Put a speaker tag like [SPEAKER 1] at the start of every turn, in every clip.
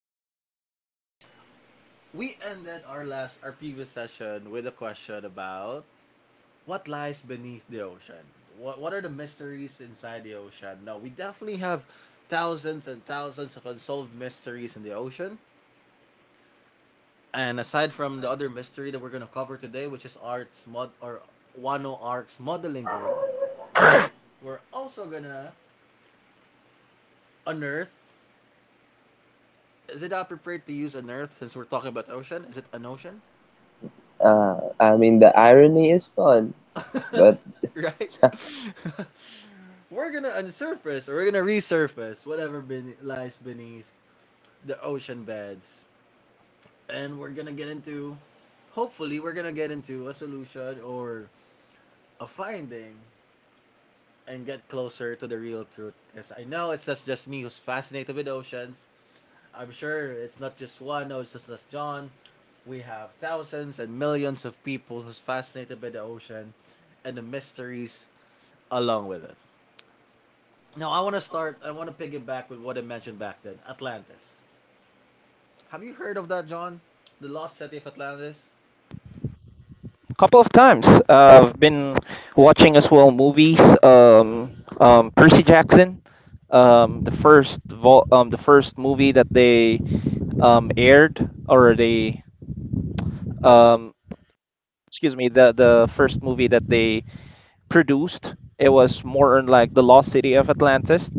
[SPEAKER 1] Bole,
[SPEAKER 2] Bolex.
[SPEAKER 3] we ended our last, our previous session with a question about what lies beneath the ocean. What are the mysteries inside the ocean? Now, we definitely have thousands and thousands of unsolved mysteries in the ocean. And aside from the other mystery that we're gonna cover today, which is Art's mod or Wano Arc's modeling gig, we're also gonna unearth. Is it appropriate to use an Earth since we're talking about ocean? Is it an ocean?
[SPEAKER 2] I mean, the irony is fun, but
[SPEAKER 3] Right? We're gonna unsurface, or we're gonna resurface whatever lies beneath the ocean beds. And we're gonna get into, hopefully, we're gonna get into a solution or a finding, and get closer to the real truth. Because I know it's just me who's fascinated with oceans. I'm sure it's not just one, or it's just as John. We have thousands and millions of people who's fascinated by the ocean and the mysteries along with it. Now, I want to piggyback with what I mentioned back then, Atlantis. Have you heard of that, John? The lost city of Atlantis?
[SPEAKER 1] couple of times. I've been watching as well movies. Percy Jackson, the the first movie that they aired or they um, excuse me the first movie that they produced. It was more on like the Lost City of Atlantis.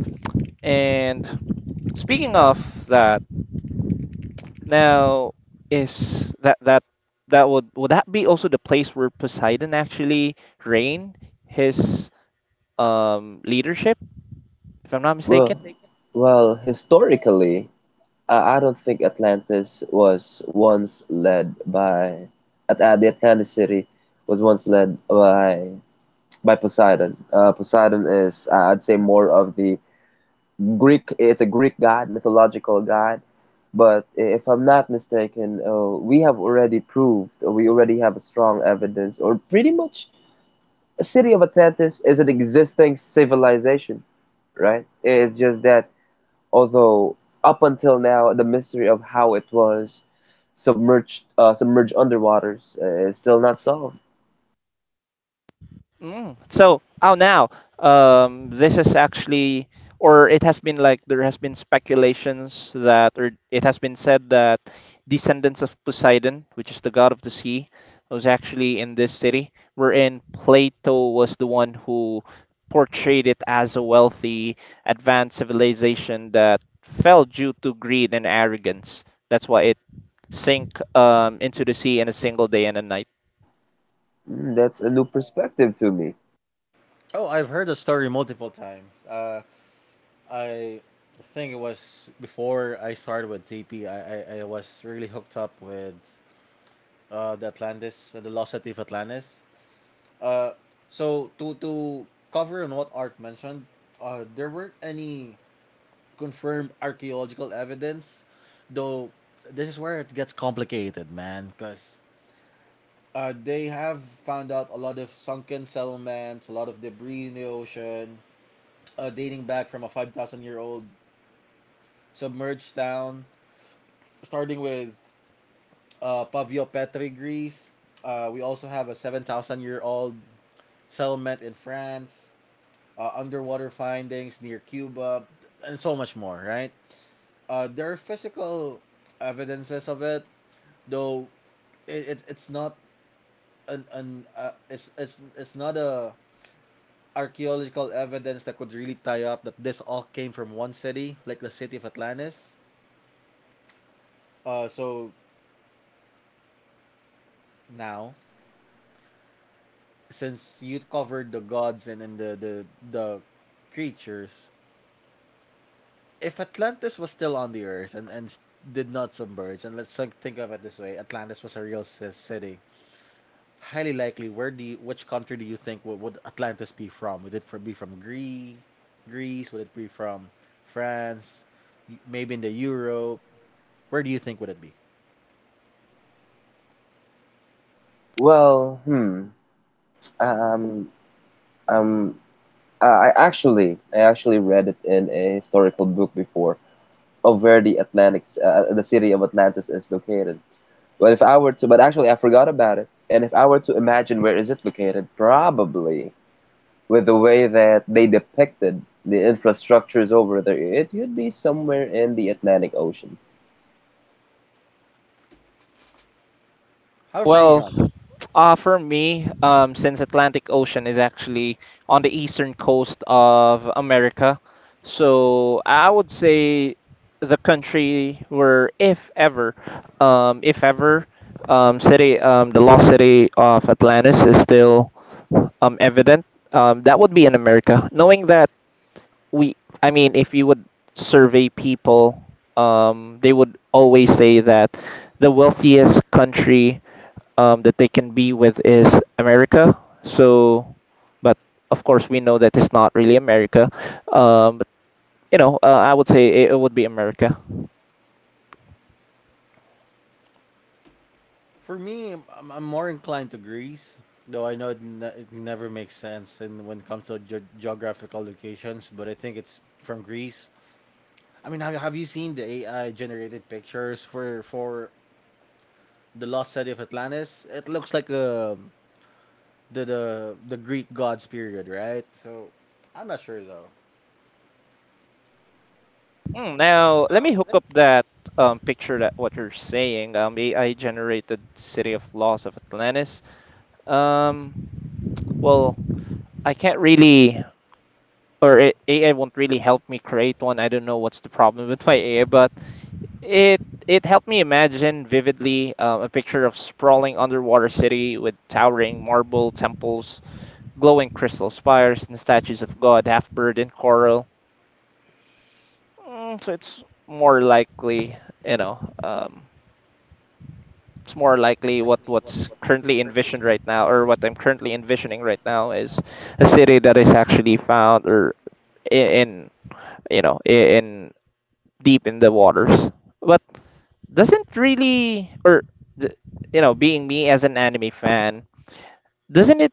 [SPEAKER 1] And speaking of that. Now, is that would that be also the place where Poseidon actually reigned his leadership, if I'm not
[SPEAKER 2] well,
[SPEAKER 1] mistaken?
[SPEAKER 2] well, historically, I don't think Atlantis was once led by the Atlantis city was once led by Poseidon. Poseidon is, I'd say, more of the Greek. It's a Greek god, mythological god. But if I'm not mistaken, we have already proved, or we already have a strong evidence, or pretty much the city of Atlantis is an existing civilization, right? It's just that although up until now the mystery of how it was submerged underwaters is still not solved.
[SPEAKER 1] Mm. Now, this is actually, or it has been like there has been speculations that, or it has been said that descendants of Poseidon, which is the god of the sea, was actually in this city, wherein Plato was the one who portrayed it as a wealthy, advanced civilization that fell due to greed and arrogance. That's why it sank into the sea in a single day and a night.
[SPEAKER 2] Mm, that's a new perspective to me.
[SPEAKER 3] Oh, I've heard the story multiple times. I think it was before I started with TP. I was really hooked up with the Atlantis, the lost city of Atlantis. So to cover on what Art mentioned, there weren't any confirmed archaeological evidence, though. This is where it gets complicated, man, because they have found out a lot of sunken settlements, a lot of debris in the ocean, dating back from a 5,000 year old submerged town, starting with Paviopetri, Greece. We also have a 7,000 year old settlement in France, underwater findings near Cuba, and so much more, right? There are physical evidences of it, though it's not an, an it's not a archaeological evidence that could really tie up that this all came from one city, like the city of Atlantis. So now, since you covered the gods and, the creatures, if Atlantis was still on the Earth and did not submerge, and let's think of it this way: Atlantis was a real city. Highly likely, which country do you think would Atlantis be from? Would it be from Greece? Greece? Would it be from France? Maybe in the Europe. Where do you think would it be?
[SPEAKER 2] Well, hmm. Um, um, I actually read it in a historical book before of where the Atlantic, the city of Atlantis is located. But if I were to, but actually I forgot about it. And if I were to imagine where is it located, probably with the way that they depicted the infrastructures over there, it would be somewhere in the Atlantic Ocean.
[SPEAKER 3] How for you,
[SPEAKER 1] Well,
[SPEAKER 3] John?
[SPEAKER 1] for me, since Atlantic Ocean is actually on the eastern coast of America, so I would say the country where, if ever, um, if ever, the lost city of Atlantis is still evident. That would be in America, knowing that we. I mean, if you would survey people, they would always say that the wealthiest country that they can be with is America. So, but of course we know that it's not really America, but you know, I would say it would be America.
[SPEAKER 3] For me, I'm more inclined to Greece, though I know it, it never makes sense in when it comes to geographical locations. But I think it's from Greece. I mean, have you seen the AI generated pictures for the lost city of Atlantis? It looks like the the the Greek gods period, right? So, I'm not sure though.
[SPEAKER 1] Hmm, now let me hook up that picture that what you're saying, AI generated city of laws of Atlantis. um well, I can't really. AI won't really help me create one. I don't know what's the problem with my AI, but it helped me imagine vividly a picture of sprawling underwater city with towering marble temples, glowing crystal spires, and statues of God half bird and coral. Mm, so it's more likely, you know, it's more likely what's currently envisioned right now, or what I'm currently envisioning right now, is a city that is actually found or I- in you know I- in deep in the waters, but doesn't really, th- you know, being me as an anime fan, doesn't it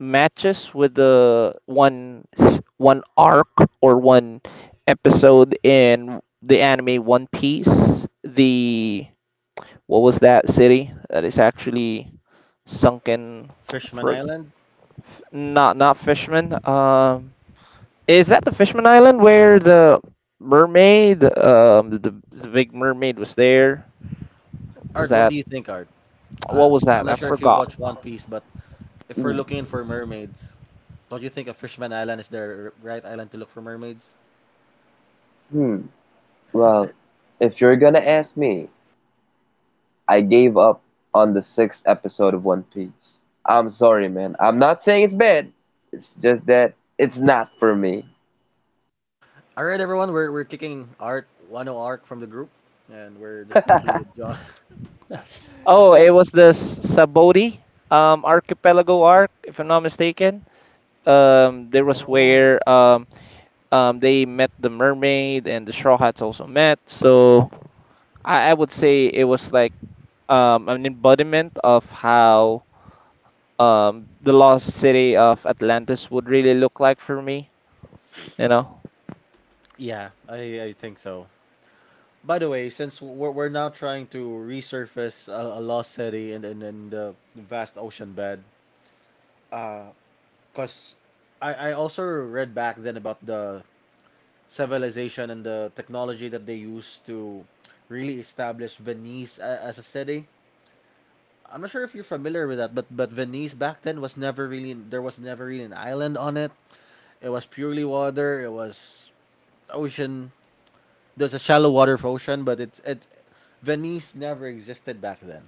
[SPEAKER 1] matches with the one arc or one episode in the anime One Piece? The what was that city that is actually sunken
[SPEAKER 3] Fishman
[SPEAKER 1] for
[SPEAKER 3] Island.
[SPEAKER 1] not not Fishman? Is that the Fishman Island where the mermaid, the big mermaid was there. Was
[SPEAKER 3] Art, what
[SPEAKER 1] that
[SPEAKER 3] do you think, Art? I
[SPEAKER 1] what was
[SPEAKER 3] I'm
[SPEAKER 1] that? I
[SPEAKER 3] not sure if you've
[SPEAKER 1] forgot.
[SPEAKER 3] watched One Piece, but if we're
[SPEAKER 2] Hmm.
[SPEAKER 3] looking for mermaids, don't you think a Fishman Island is the right island to look for mermaids?
[SPEAKER 2] Hmm. Well, if you're gonna ask me, I gave up on the 6th episode of One Piece. I'm sorry, man. I'm not saying it's bad. It's just that it's not for me.
[SPEAKER 3] All right, everyone, we're kicking Art one o Arc from the group, and we're just gonna be with John.
[SPEAKER 1] Oh,
[SPEAKER 3] Yeah.
[SPEAKER 1] it was this Saboti archipelago arc, if I'm not mistaken. There was
[SPEAKER 3] Oh.
[SPEAKER 1] where they met the mermaid and the Straw Hats also met. So I would say it was like an embodiment of how the lost city of Atlantis would really look like for me. You know,
[SPEAKER 3] Yeah, I think so. By the way, since we're now trying to resurface a lost city and and the vast ocean bed, because I also read back then about the civilization and the technology that they used to really establish Venice as a city. I'm not sure if you're familiar with that, but Venice back then was never really, there was never really an island on it. It was purely water. It was ocean. There's a shallow water of ocean, but it's it Venice never existed back then.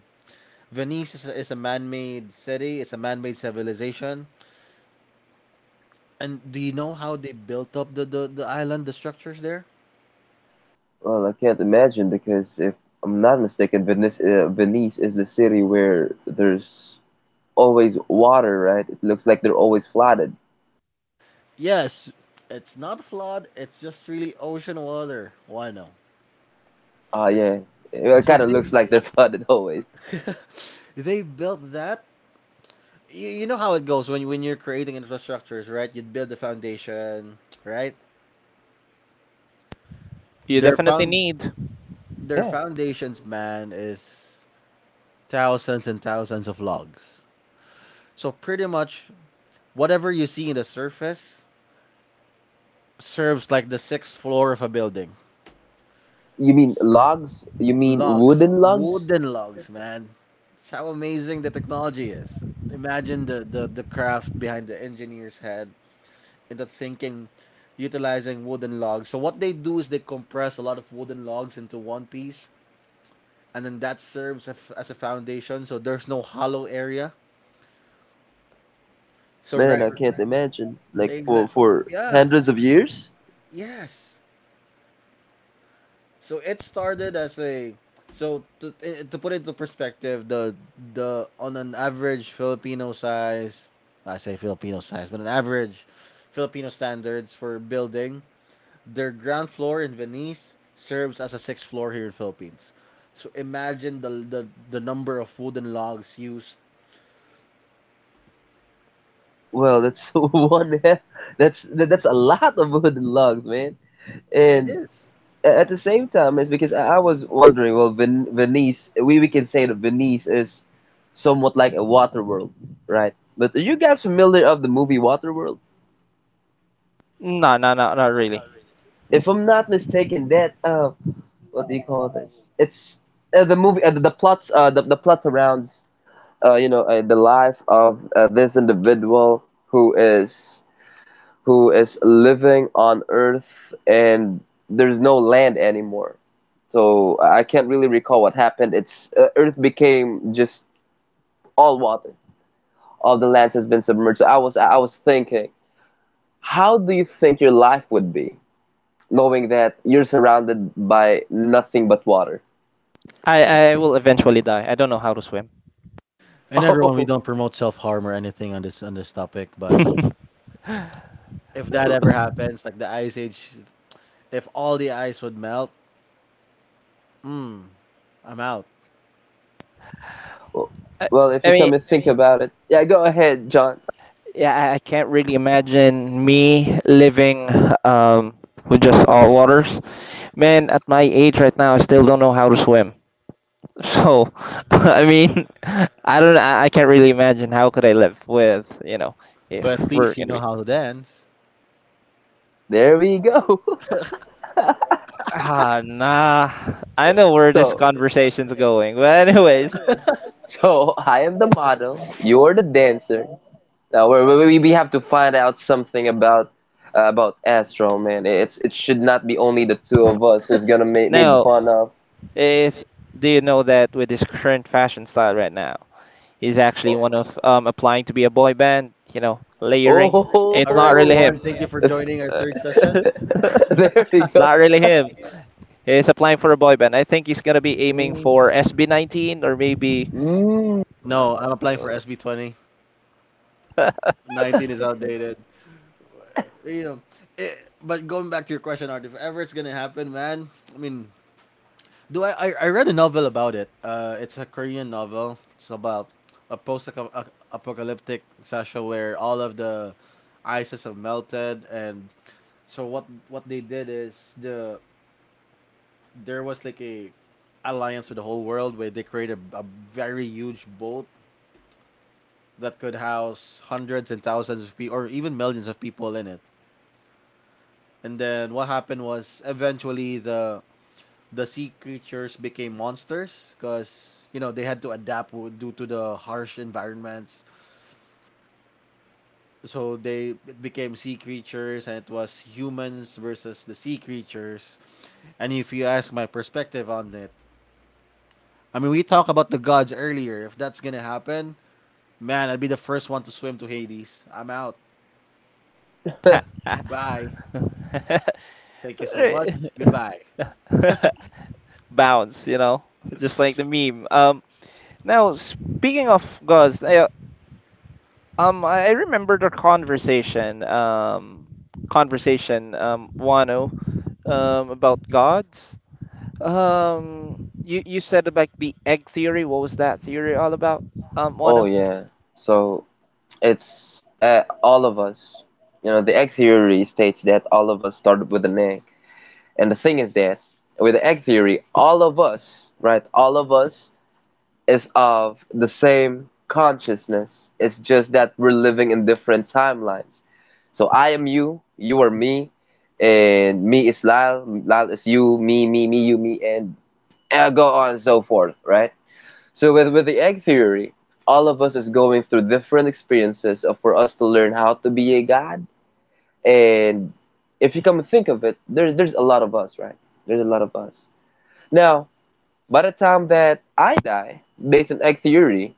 [SPEAKER 3] Venice is is a man-made city. It's a man-made civilization. And do you know how they built up the island, the structures there?
[SPEAKER 2] Well, I can't imagine because if I'm not mistaken, Venice is the city where there's always water, right? It looks like they're always flooded.
[SPEAKER 3] Yes. It's not flawed. It's just really ocean water. Why no?
[SPEAKER 2] Ah, yeah. It
[SPEAKER 3] So
[SPEAKER 2] kind of
[SPEAKER 3] they
[SPEAKER 2] looks like they're flooded always.
[SPEAKER 3] they built that. You know how it goes when you're creating infrastructures, right? You build the foundation, right?
[SPEAKER 1] you
[SPEAKER 3] Their
[SPEAKER 1] definitely
[SPEAKER 3] found
[SPEAKER 1] need.
[SPEAKER 3] their
[SPEAKER 2] Yeah.
[SPEAKER 3] foundations, man, is thousands and thousands of logs. So pretty much whatever you see in the surface serves like the sixth floor of a building.
[SPEAKER 2] You mean
[SPEAKER 3] S-
[SPEAKER 2] logs? You mean
[SPEAKER 3] Logs,
[SPEAKER 2] wooden logs?
[SPEAKER 3] wooden logs, man. It's how amazing the technology is. Imagine the, the craft behind the engineer's head and the thinking utilizing wooden logs. So, what they do is they compress a lot of wooden logs into one piece, and then that serves as a foundation. So, there's no hollow area. So,
[SPEAKER 2] Man,
[SPEAKER 3] right,
[SPEAKER 2] I can't imagine. Like
[SPEAKER 3] exactly.
[SPEAKER 2] for
[SPEAKER 3] Yeah,
[SPEAKER 2] hundreds of years?
[SPEAKER 3] yes. So it started as a, so to put it into perspective, the on an average Filipino size, I say Filipino size, but an average Filipino standards for building, their ground floor in Venice serves as a sixth floor here in Philippines. So imagine the the number of wooden logs used.
[SPEAKER 2] Well, that's that's a lot of wooden logs, man.
[SPEAKER 3] It
[SPEAKER 2] And
[SPEAKER 3] is.
[SPEAKER 2] at the same time, it's because I was wondering. Well, Venice, we can say that Venice is somewhat like a water world, right? But are you guys familiar of the movie Waterworld?
[SPEAKER 1] No, no, no, not really.
[SPEAKER 2] If I'm not mistaken, that what do you call this? It's the movie, the plots, the plot surrounds, you know, the life of this individual who is living on Earth and there's no land anymore. So I can't really recall what happened. It's Earth became just all water. All the lands has been submerged. So I was thinking, how do you think your life would be, knowing that you're surrounded by nothing but water?
[SPEAKER 1] I will eventually die. I don't know how to swim.
[SPEAKER 3] And everyone, we don't
[SPEAKER 2] Oh,
[SPEAKER 3] promote self harm or anything on this topic, but if that ever happens, like the ice age, if all the ice would melt, I'm out.
[SPEAKER 1] I,
[SPEAKER 2] well, if
[SPEAKER 1] I
[SPEAKER 2] you
[SPEAKER 1] mean,
[SPEAKER 2] come and think about it, yeah, go ahead, John.
[SPEAKER 1] yeah, I can't really imagine me living um, with just salt waters. Man, at my age right now, I still don't know how to swim. So, I mean, I don't. I can't really imagine how could I live with, you know, if
[SPEAKER 3] But at
[SPEAKER 1] we're
[SPEAKER 3] least
[SPEAKER 1] gonna
[SPEAKER 3] you know
[SPEAKER 1] be.
[SPEAKER 3] how to dance.
[SPEAKER 2] There we go.
[SPEAKER 1] Ah, nah. I know where this
[SPEAKER 2] So,
[SPEAKER 1] conversation's going. But anyways,
[SPEAKER 2] so I am the model. You're the dancer. Now we we have to find out something about Astro, man. It's it should not be only the two of us who's gonna make made
[SPEAKER 1] oh,
[SPEAKER 2] fun of.
[SPEAKER 1] is do you know that with this current fashion style right now, he's actually one of, applying to be a boy band, you know,
[SPEAKER 2] Oh, ho,
[SPEAKER 1] layering.
[SPEAKER 2] ho,
[SPEAKER 3] All
[SPEAKER 1] It's not
[SPEAKER 3] right,
[SPEAKER 1] really
[SPEAKER 3] everyone.
[SPEAKER 1] him.
[SPEAKER 3] Thank you for
[SPEAKER 2] ho.
[SPEAKER 3] joining our
[SPEAKER 1] Uh,
[SPEAKER 3] third session.
[SPEAKER 2] There we
[SPEAKER 1] It's
[SPEAKER 2] go.
[SPEAKER 1] not really him. He's applying for a boy band. I think he's gonna be aiming
[SPEAKER 2] Mm.
[SPEAKER 1] for SB19 or maybe.
[SPEAKER 2] Mm.
[SPEAKER 1] Uh,
[SPEAKER 3] No, I'm applying for SB20. 19 is outdated. You know, eh, but going back to your question, Art, if ever it's gonna happen, man. I mean, do I? I read a novel about it. It's a Korean novel. It's about a post-apocalyptic session where all of the ices have melted, and so what they did is there was like a alliance with the whole world where they created a very huge boat that could house hundreds and thousands of people or even millions of people in it. And then what happened was eventually the sea creatures became monsters because you know they had to adapt due to the harsh environments. So they it became sea creatures, and it was humans versus the sea creatures. And if you ask my perspective on it, I mean, we talked about the gods earlier. If that's gonna happen, man, I'd be the first one to swim to Hades. I'm out. Bye. Thank you so much. Goodbye.
[SPEAKER 1] Bounce, you know, just like the meme. Now speaking of gods, I remembered our conversation, Wano, about gods. You said about the egg theory. What was that theory all about?
[SPEAKER 2] Oh
[SPEAKER 1] Wano.
[SPEAKER 2] yeah. So it's all of us. You know, the egg theory states that all of us started with an egg. And the thing is that with the egg theory, all of us, right, all of us is of the same consciousness. It's just that we're living in different timelines. So I am you, you are me, and me is Lyle, Lyle is you, me, me, me, you, me, and go on and so forth, right? So with the egg theory, all of us is going through different experiences of, for us to learn how to be a god. And if you come and think of it, there's a lot of us, right? There's a lot of us. Now, by the time that I die, based on egg theory,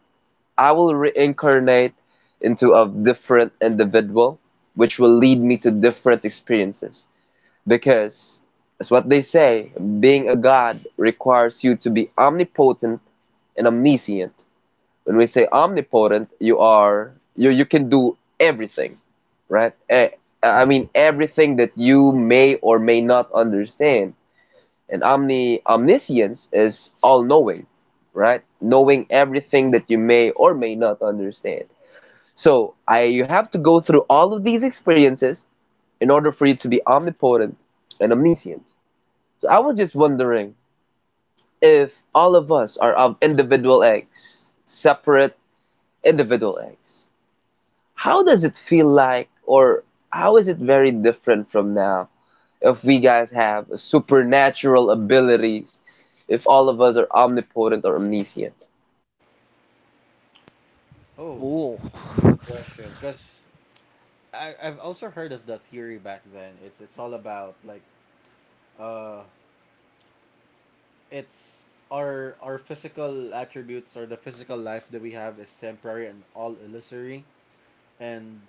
[SPEAKER 2] I will reincarnate into a different individual, which will lead me to different experiences. Because as what they say, being a god requires you to be omnipotent and omniscient. When we say omnipotent, you are you can do everything, right? Eh, I mean everything that you may or may not understand. And omniscience is all knowing, right? Knowing everything that you may or may not understand. So I you have to go through all of these experiences in order for you to be omnipotent and omniscient. So I was just wondering if all of us are of individual eggs, separate individual eggs, how does it feel like, or how is it very different from now if we guys have supernatural abilities, if all of us are omnipotent or omniscient?
[SPEAKER 3] Oh,
[SPEAKER 1] Ooh,
[SPEAKER 3] good question. Because I've also heard of the theory back then. It's all about like uh, it's our physical attributes or the physical life that we have is temporary and all illusory, and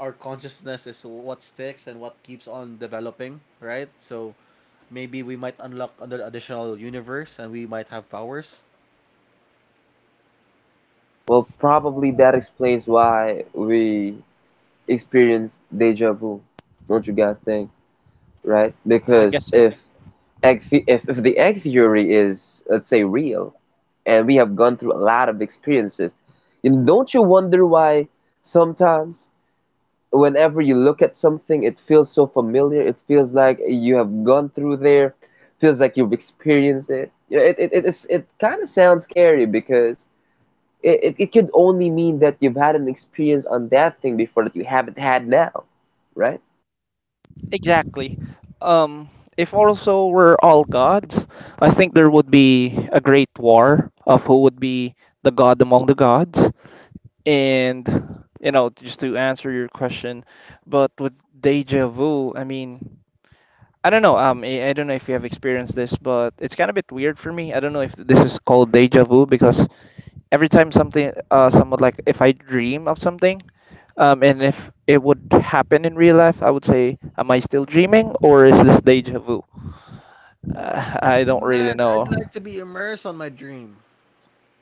[SPEAKER 3] our consciousness is what sticks and what keeps on developing, right? So maybe we might unlock another additional universe and we might have powers.
[SPEAKER 2] Well, probably that explains why we experience deja vu. Don't you guys think? Right?
[SPEAKER 1] I guess
[SPEAKER 2] Because
[SPEAKER 1] so.
[SPEAKER 2] if if the egg theory is, let's say, real, and we have gone through a lot of experiences, you know, don't you wonder why sometimes whenever you look at something, it feels so familiar. It feels like you have gone through there. Feels like you've experienced it. You know, it kind of sounds scary because it could only mean that you've had an experience on that thing before that you haven't had now, right?
[SPEAKER 1] Exactly. Um, if also we're all gods, I think there would be a great war of who would be the god among the gods. And you know, just to answer your question, but with deja vu, I mean. I don't know. I don't know if you have experienced this, but it's kind of a bit weird for me. I don't know if this is called deja vu because every time something somewhat like if I dream of something, and if it would happen in real life, I would say, am I still dreaming or is this deja vu? I don't really
[SPEAKER 3] Man, I'd
[SPEAKER 1] know.
[SPEAKER 3] like to be immersed on my dream.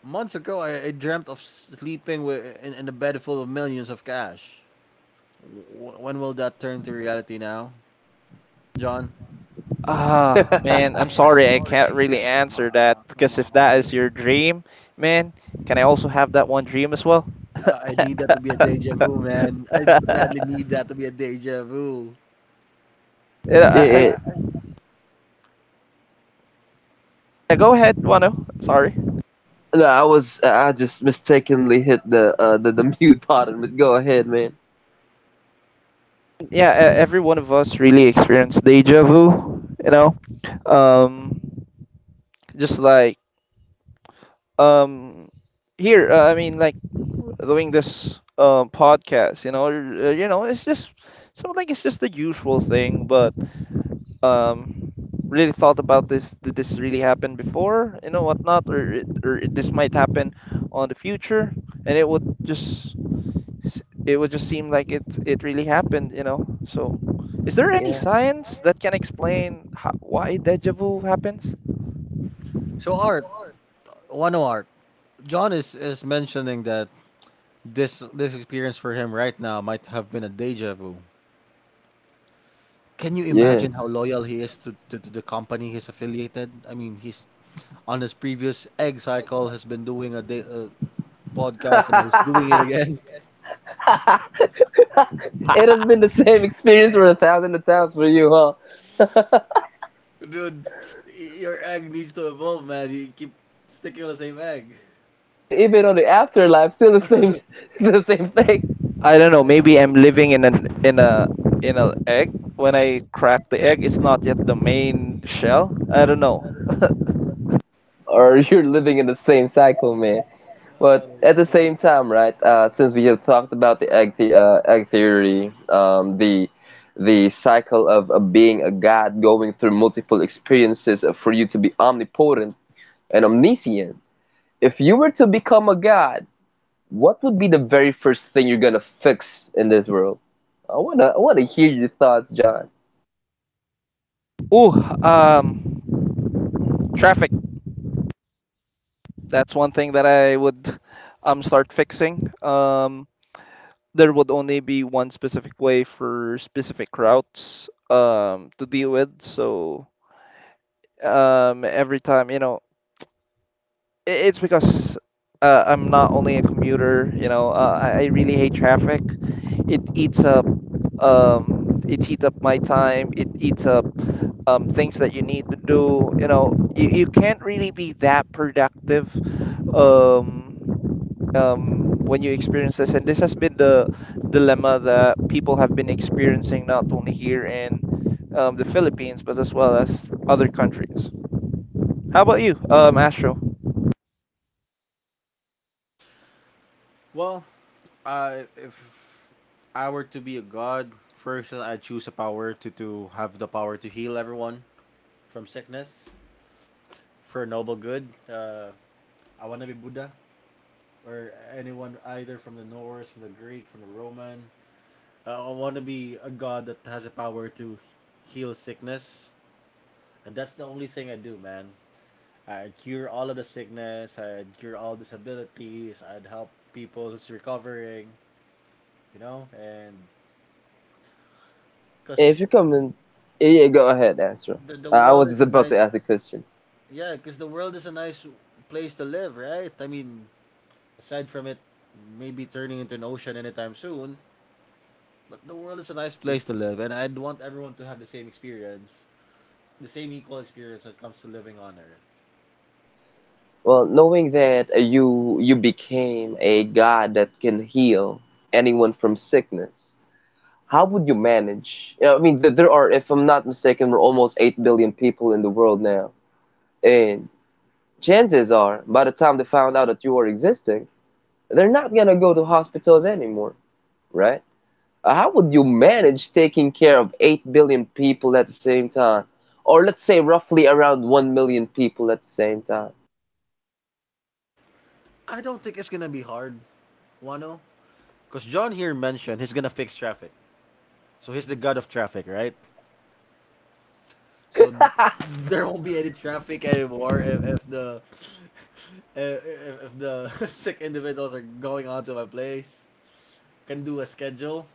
[SPEAKER 3] Months ago, I dreamt of sleeping with, in a bed full of millions of cash. When will that turn to reality now, John?
[SPEAKER 1] Ah, man, I'm sorry I can't really
[SPEAKER 3] Come
[SPEAKER 1] answer that
[SPEAKER 3] on, come
[SPEAKER 1] because if that
[SPEAKER 3] on.
[SPEAKER 1] is your dream, man, can I also have that one dream as well?
[SPEAKER 3] I need that to be a deja vu, man. I badly need that to be a deja vu.
[SPEAKER 1] Yeah,
[SPEAKER 2] Yeah,
[SPEAKER 1] I, I,
[SPEAKER 2] yeah.
[SPEAKER 1] yeah, go ahead, Wano. Sorry.
[SPEAKER 2] No, I just mistakenly hit the mute button. But go ahead, man.
[SPEAKER 1] Yeah, e- every one of us really experienced deja vu, you know. Um, just like um here I mean like doing this podcast, you know it's just something like it's just the usual thing but um really thought about this, did this really happen before, you know, whatnot, or it- this might happen on the future and it would just it would just seem like it really happened, you know, so is there any
[SPEAKER 2] Yeah,
[SPEAKER 1] science that can explain how, why deja vu happens.
[SPEAKER 3] So, art, one art. John is mentioning that this experience for him right now might have been a deja vu. Can you
[SPEAKER 2] yeah.
[SPEAKER 3] imagine how loyal he is to the company he's affiliated? I mean, he's on his previous egg cycle has been doing a podcast, and now he's doing it again.
[SPEAKER 2] It has been the same experience for 1,000 of times for you, huh?
[SPEAKER 3] Dude, your egg needs to evolve, man. You keep sticking on the same egg.
[SPEAKER 2] Yeah, even on the afterlife, still the same, still the same thing.
[SPEAKER 1] I don't know. Maybe I'm living in an in a egg. When I crack the egg, it's not yet the main shell. I don't know.
[SPEAKER 2] Or you're living in the same cycle, man.
[SPEAKER 3] Oh
[SPEAKER 2] But
[SPEAKER 3] my
[SPEAKER 2] at the
[SPEAKER 3] god.
[SPEAKER 2] same time, right? Since we have talked about the egg, the egg theory, the cycle of being a god, going through multiple experiences for you to be omnipotent and omniscient. If you were to become a god, what would be the very first thing you're gonna fix in this world? I wanna hear your thoughts, John.
[SPEAKER 1] Ooh, um, traffic. That's one thing that I would start fixing. There would only be one specific way for specific routes to deal with. So every time, you know. It's because I'm not only a commuter, you know, I really hate traffic. It eats up, it eats up my time. It eats up things that you need to do. You know, you can't really be that productive um, when you experience this. And this has been the dilemma that people have been experiencing not only here in, the Philippines, but as well as other countries. How about you, Astro?
[SPEAKER 3] Well, if I were to be a god, first I choose a power to have the power to heal everyone from sickness for noble good. I want to be Buddha, or anyone either from the Norse, from the Greek, from the Roman. I want to be a god that has the power to heal sickness, and that's the only thing I do, man. I'd cure all of the sickness. I'd cure all disabilities. I'd help people who's recovering. You know, and
[SPEAKER 2] If
[SPEAKER 3] cause
[SPEAKER 2] you come in, yeah, go ahead, answer.
[SPEAKER 3] the
[SPEAKER 2] I
[SPEAKER 3] world
[SPEAKER 2] was just
[SPEAKER 3] is a
[SPEAKER 2] about to
[SPEAKER 3] nice,
[SPEAKER 2] ask a question.
[SPEAKER 3] yeah, cause the world is a nice place to live, right? I mean, aside from it, maybe turning into an ocean anytime soon. But the world is a nice place to live, and I'd want everyone to have the same experience, the same equal experience when it comes to living on Earth.
[SPEAKER 2] Well, knowing that you became a god that can heal anyone from sickness, how would you manage? You know, I mean, there are, if I'm not mistaken, we're almost 8 billion people in the world now, and chances are, by the time they found out that you are existing, they're not gonna go to hospitals anymore, right? How would you manage taking care of 8 billion people at the same time? Or let's say roughly around 1 million people at the same time.
[SPEAKER 3] I don't think it's gonna be hard, Wano. Because John here mentioned he's gonna fix traffic. So he's the god of traffic, right? So there won't be any traffic anymore if the if, if the sick individuals are going onto my place. Can do a schedule,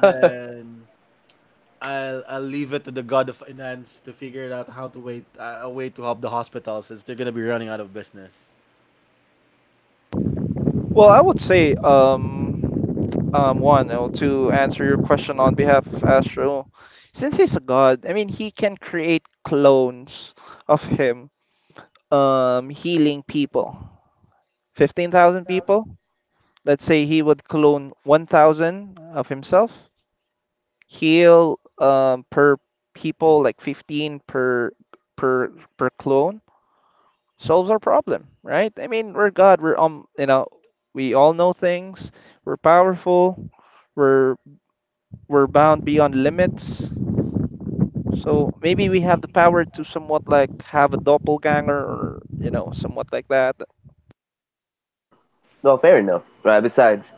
[SPEAKER 3] then I'll leave it to the god of finance to figure it out how to wait, a way to help the hospital since they're gonna be running out of business.
[SPEAKER 1] Well, I would say, one, to answer your question on behalf of Astro, since he's a god, I mean, he can create clones of him, healing people. 15,000 people. Let's say he would clone 1,000 of himself, heal per people, like 15 per clone solves our problem, right? I mean, we're God. We're you know, we all know things. We're powerful. We're we're bound beyond limits. So maybe we have the power to somewhat like have a doppelganger or you know somewhat like that.
[SPEAKER 2] Well, fair enough, right? Besides,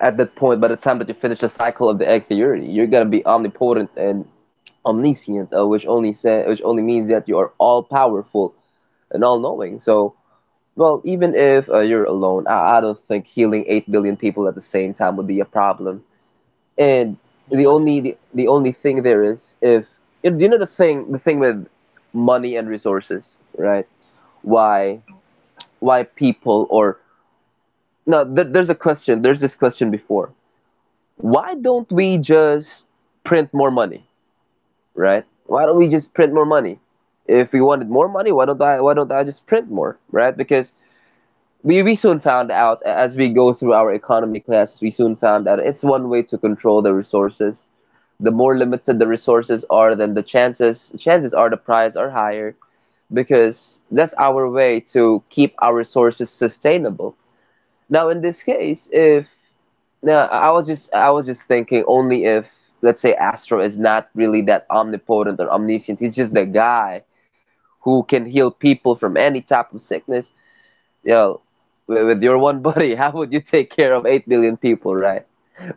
[SPEAKER 2] at that point, by the time that you finish the cycle of the egg theory, you're gonna be omnipotent and omniscient, which only say, which only means that you are all powerful and all knowing. So, well, even if you're alone, I don't think healing 8 billion people at the same time would be a problem. And
[SPEAKER 3] But
[SPEAKER 2] the
[SPEAKER 3] what it?
[SPEAKER 2] only the only thing there is, if you know, you know the thing, the thing with money and resources, right? why why people or no th- there's a question, there's this question before, why don't we just print more money, right? Why don't we just print more money? If we wanted more money, why don't I just print more, right? Because we soon found out, as we go through our economy classes, we soon found out it's one way to control the resources. The more limited the resources are, then the chances are the price are higher, because that's our way to keep our resources sustainable. Now in this case, if now I was just thinking, only if, let's say, Astro is not really that omnipotent or omniscient, he's just the guy who can heal people from any type of sickness. Yo, with your one buddy, how would you take care of 8 billion people, right?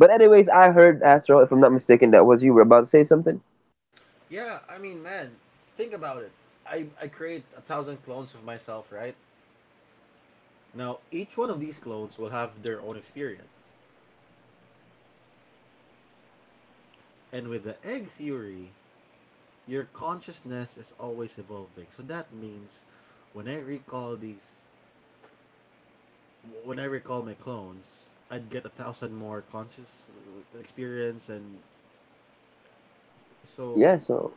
[SPEAKER 2] But anyways, I heard Astro, if I'm not mistaken, that was you were about to say something.
[SPEAKER 3] Yeah, I mean, man, think about it. I create a thousand clones of myself, right? Now, each one of these clones will have their own experience. And with the egg theory, your consciousness is always evolving. So that means when I recall these, when I recall my clones, I'd get a thousand more conscious experience. And so,
[SPEAKER 2] Yeah, so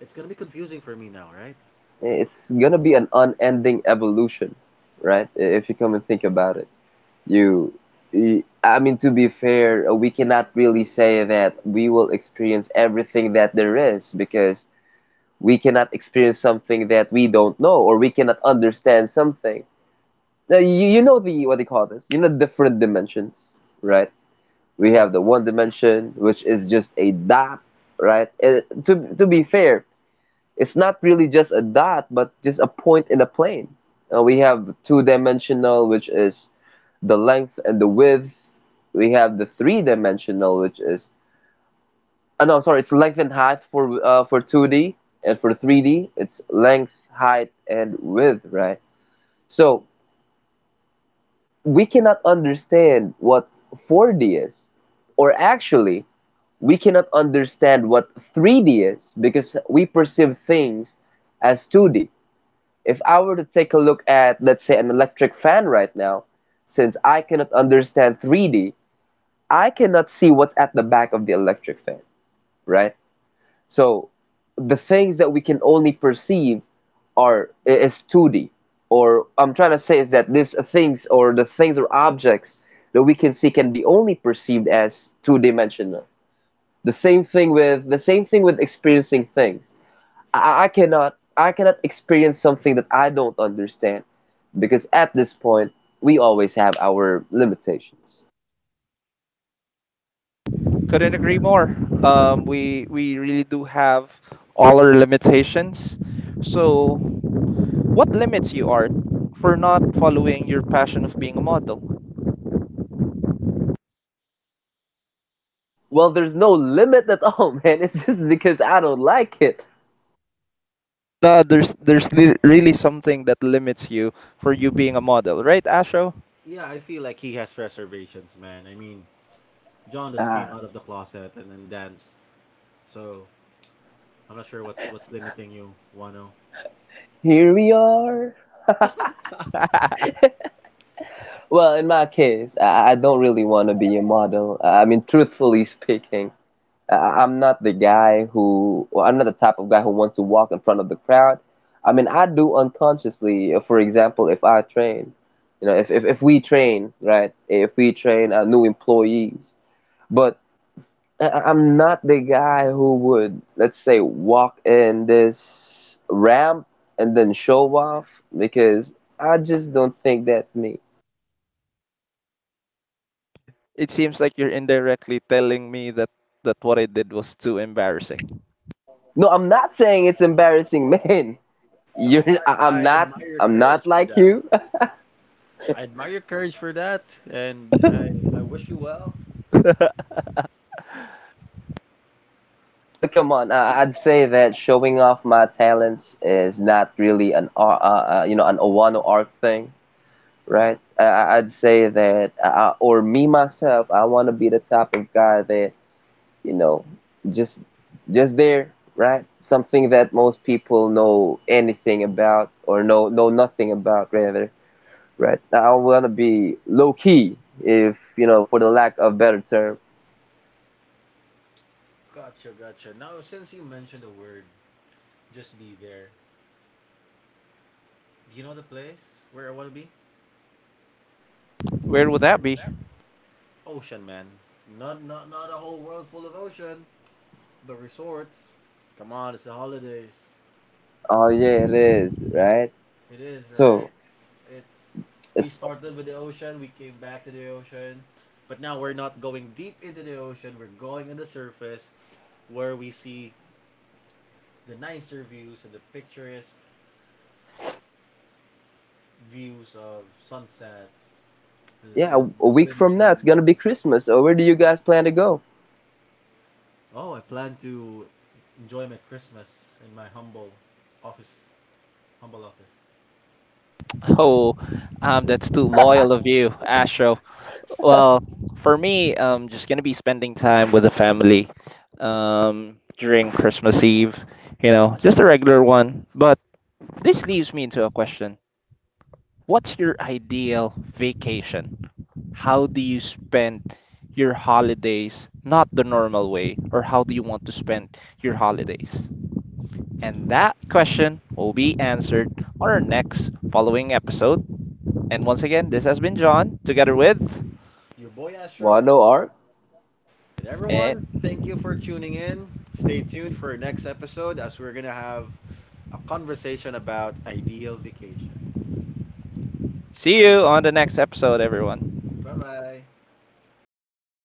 [SPEAKER 3] it's gonna be confusing for me now, right?
[SPEAKER 2] it's gonna be an unending evolution, right? If you come and think about it, you, you I mean, to be fair, we cannot really say that we will experience everything that there is because we cannot experience something that we don't know or we cannot understand something. Now, you know the, what they call this? You know, different dimensions, right? We
[SPEAKER 3] Yeah.
[SPEAKER 2] have the one dimension, which is just a dot, right? It, to be fair, it's not really just a dot, but just a point in a plane. We have two dimensional, which is the length and the width. We have the three dimensional, which is, oh no, I'm sorry, it's length and height for 2D, and for 3D, it's length, height, and width, right? So, we cannot understand what 4D is, or actually, we cannot understand what 3D is because we perceive things as 2D. If I were to take a look at, let's say, an electric fan right now, since I cannot understand 3D, I cannot see what's at the back of the electric fan, right? So the things that we can only perceive are is 2D. Or I'm trying to say is that these things or the things or objects that we can see can be only perceived as two-dimensional. The same thing with experiencing things. I cannot experience something that I don't understand because at this point we always have our limitations.
[SPEAKER 1] Couldn't
[SPEAKER 3] Oh yeah.
[SPEAKER 1] agree more. We really do have all our limitations. So what limits you are for not following your passion of being a model?
[SPEAKER 2] Well, there's no limit at all, man. It's just because I don't like it.
[SPEAKER 1] No, really something that limits you for you being a model, right, Asho?
[SPEAKER 3] Yeah, I feel like he has reservations, man. I mean, John just came out of the closet and then danced, so I'm not sure what's limiting you, Wano.
[SPEAKER 2] Here we are. Well, in my case, I don't really want to be a model. I mean, truthfully speaking, I, I'm not the guy who, well, I'm not the type of guy who wants to walk in front of the crowd. I mean, I do unconsciously. Uh, for example, if I train, you know, if we train, right, if we train new employees, but I'm not the guy who would, let's say, walk in this ramp and then show off because I just don't think that's me.
[SPEAKER 1] It seems like you're indirectly telling me that what I did was too embarrassing.
[SPEAKER 2] No, I'm not saying it's embarrassing, man. You're,
[SPEAKER 3] No,
[SPEAKER 2] I- I'm
[SPEAKER 3] I
[SPEAKER 2] not,
[SPEAKER 3] admire your
[SPEAKER 2] I'm not
[SPEAKER 3] courage for
[SPEAKER 2] like
[SPEAKER 3] that.
[SPEAKER 2] you.
[SPEAKER 3] I admire your courage for that, and I wish you well.
[SPEAKER 2] Well, come on. I'd say that showing off my talents is not really an, you know, an Owano Arc thing, right? I'd say that, or me myself, I want to be the type of guy that, you know, just, just there, right? Something that most people know anything about or know nothing about, rather, right? I wanna be low key, if you know, for the lack of better term.
[SPEAKER 3] Gotcha, gotcha. Now, since you mentioned the word, just be there. Do you know the place where I want to be?
[SPEAKER 1] Where would that be?
[SPEAKER 3] Ocean, man. Not a whole world full of ocean. But resorts, come on, it's the holidays.
[SPEAKER 2] Oh yeah, it is, right?
[SPEAKER 3] It is right.
[SPEAKER 2] So
[SPEAKER 3] It's we
[SPEAKER 2] it's
[SPEAKER 3] started with the ocean. We came back to the ocean, but now we're not going deep into the ocean. We're going on the surface, where we see the nicer views and the picturesque views of sunsets,
[SPEAKER 2] yeah,
[SPEAKER 3] the
[SPEAKER 2] a week
[SPEAKER 3] wind
[SPEAKER 2] from now it's
[SPEAKER 3] breeze.
[SPEAKER 2] gonna be Christmas. So where do you guys plan to go?
[SPEAKER 3] Oh, I plan to enjoy my Christmas in my office, humble office. Uh,
[SPEAKER 1] Oh, that's too loyal of you, Asho. Well, for me, I'm just gonna be spending time with the family during Christmas Eve. You know, just a regular one. But this leaves me into a question: what's your ideal vacation? How do you spend your holidays, not the normal way, or how do you want to spend your holidays? And that question will be answered on our next following episode. And once again, this has been John together with,
[SPEAKER 3] your boy Astro.
[SPEAKER 2] Wano Arc?
[SPEAKER 3] And everyone,
[SPEAKER 1] and
[SPEAKER 3] thank you for tuning in. Stay tuned for our next episode as we're going to have a conversation about ideal vacations.
[SPEAKER 1] see you
[SPEAKER 3] Adios.
[SPEAKER 1] on the next episode, everyone.
[SPEAKER 3] Bye bye.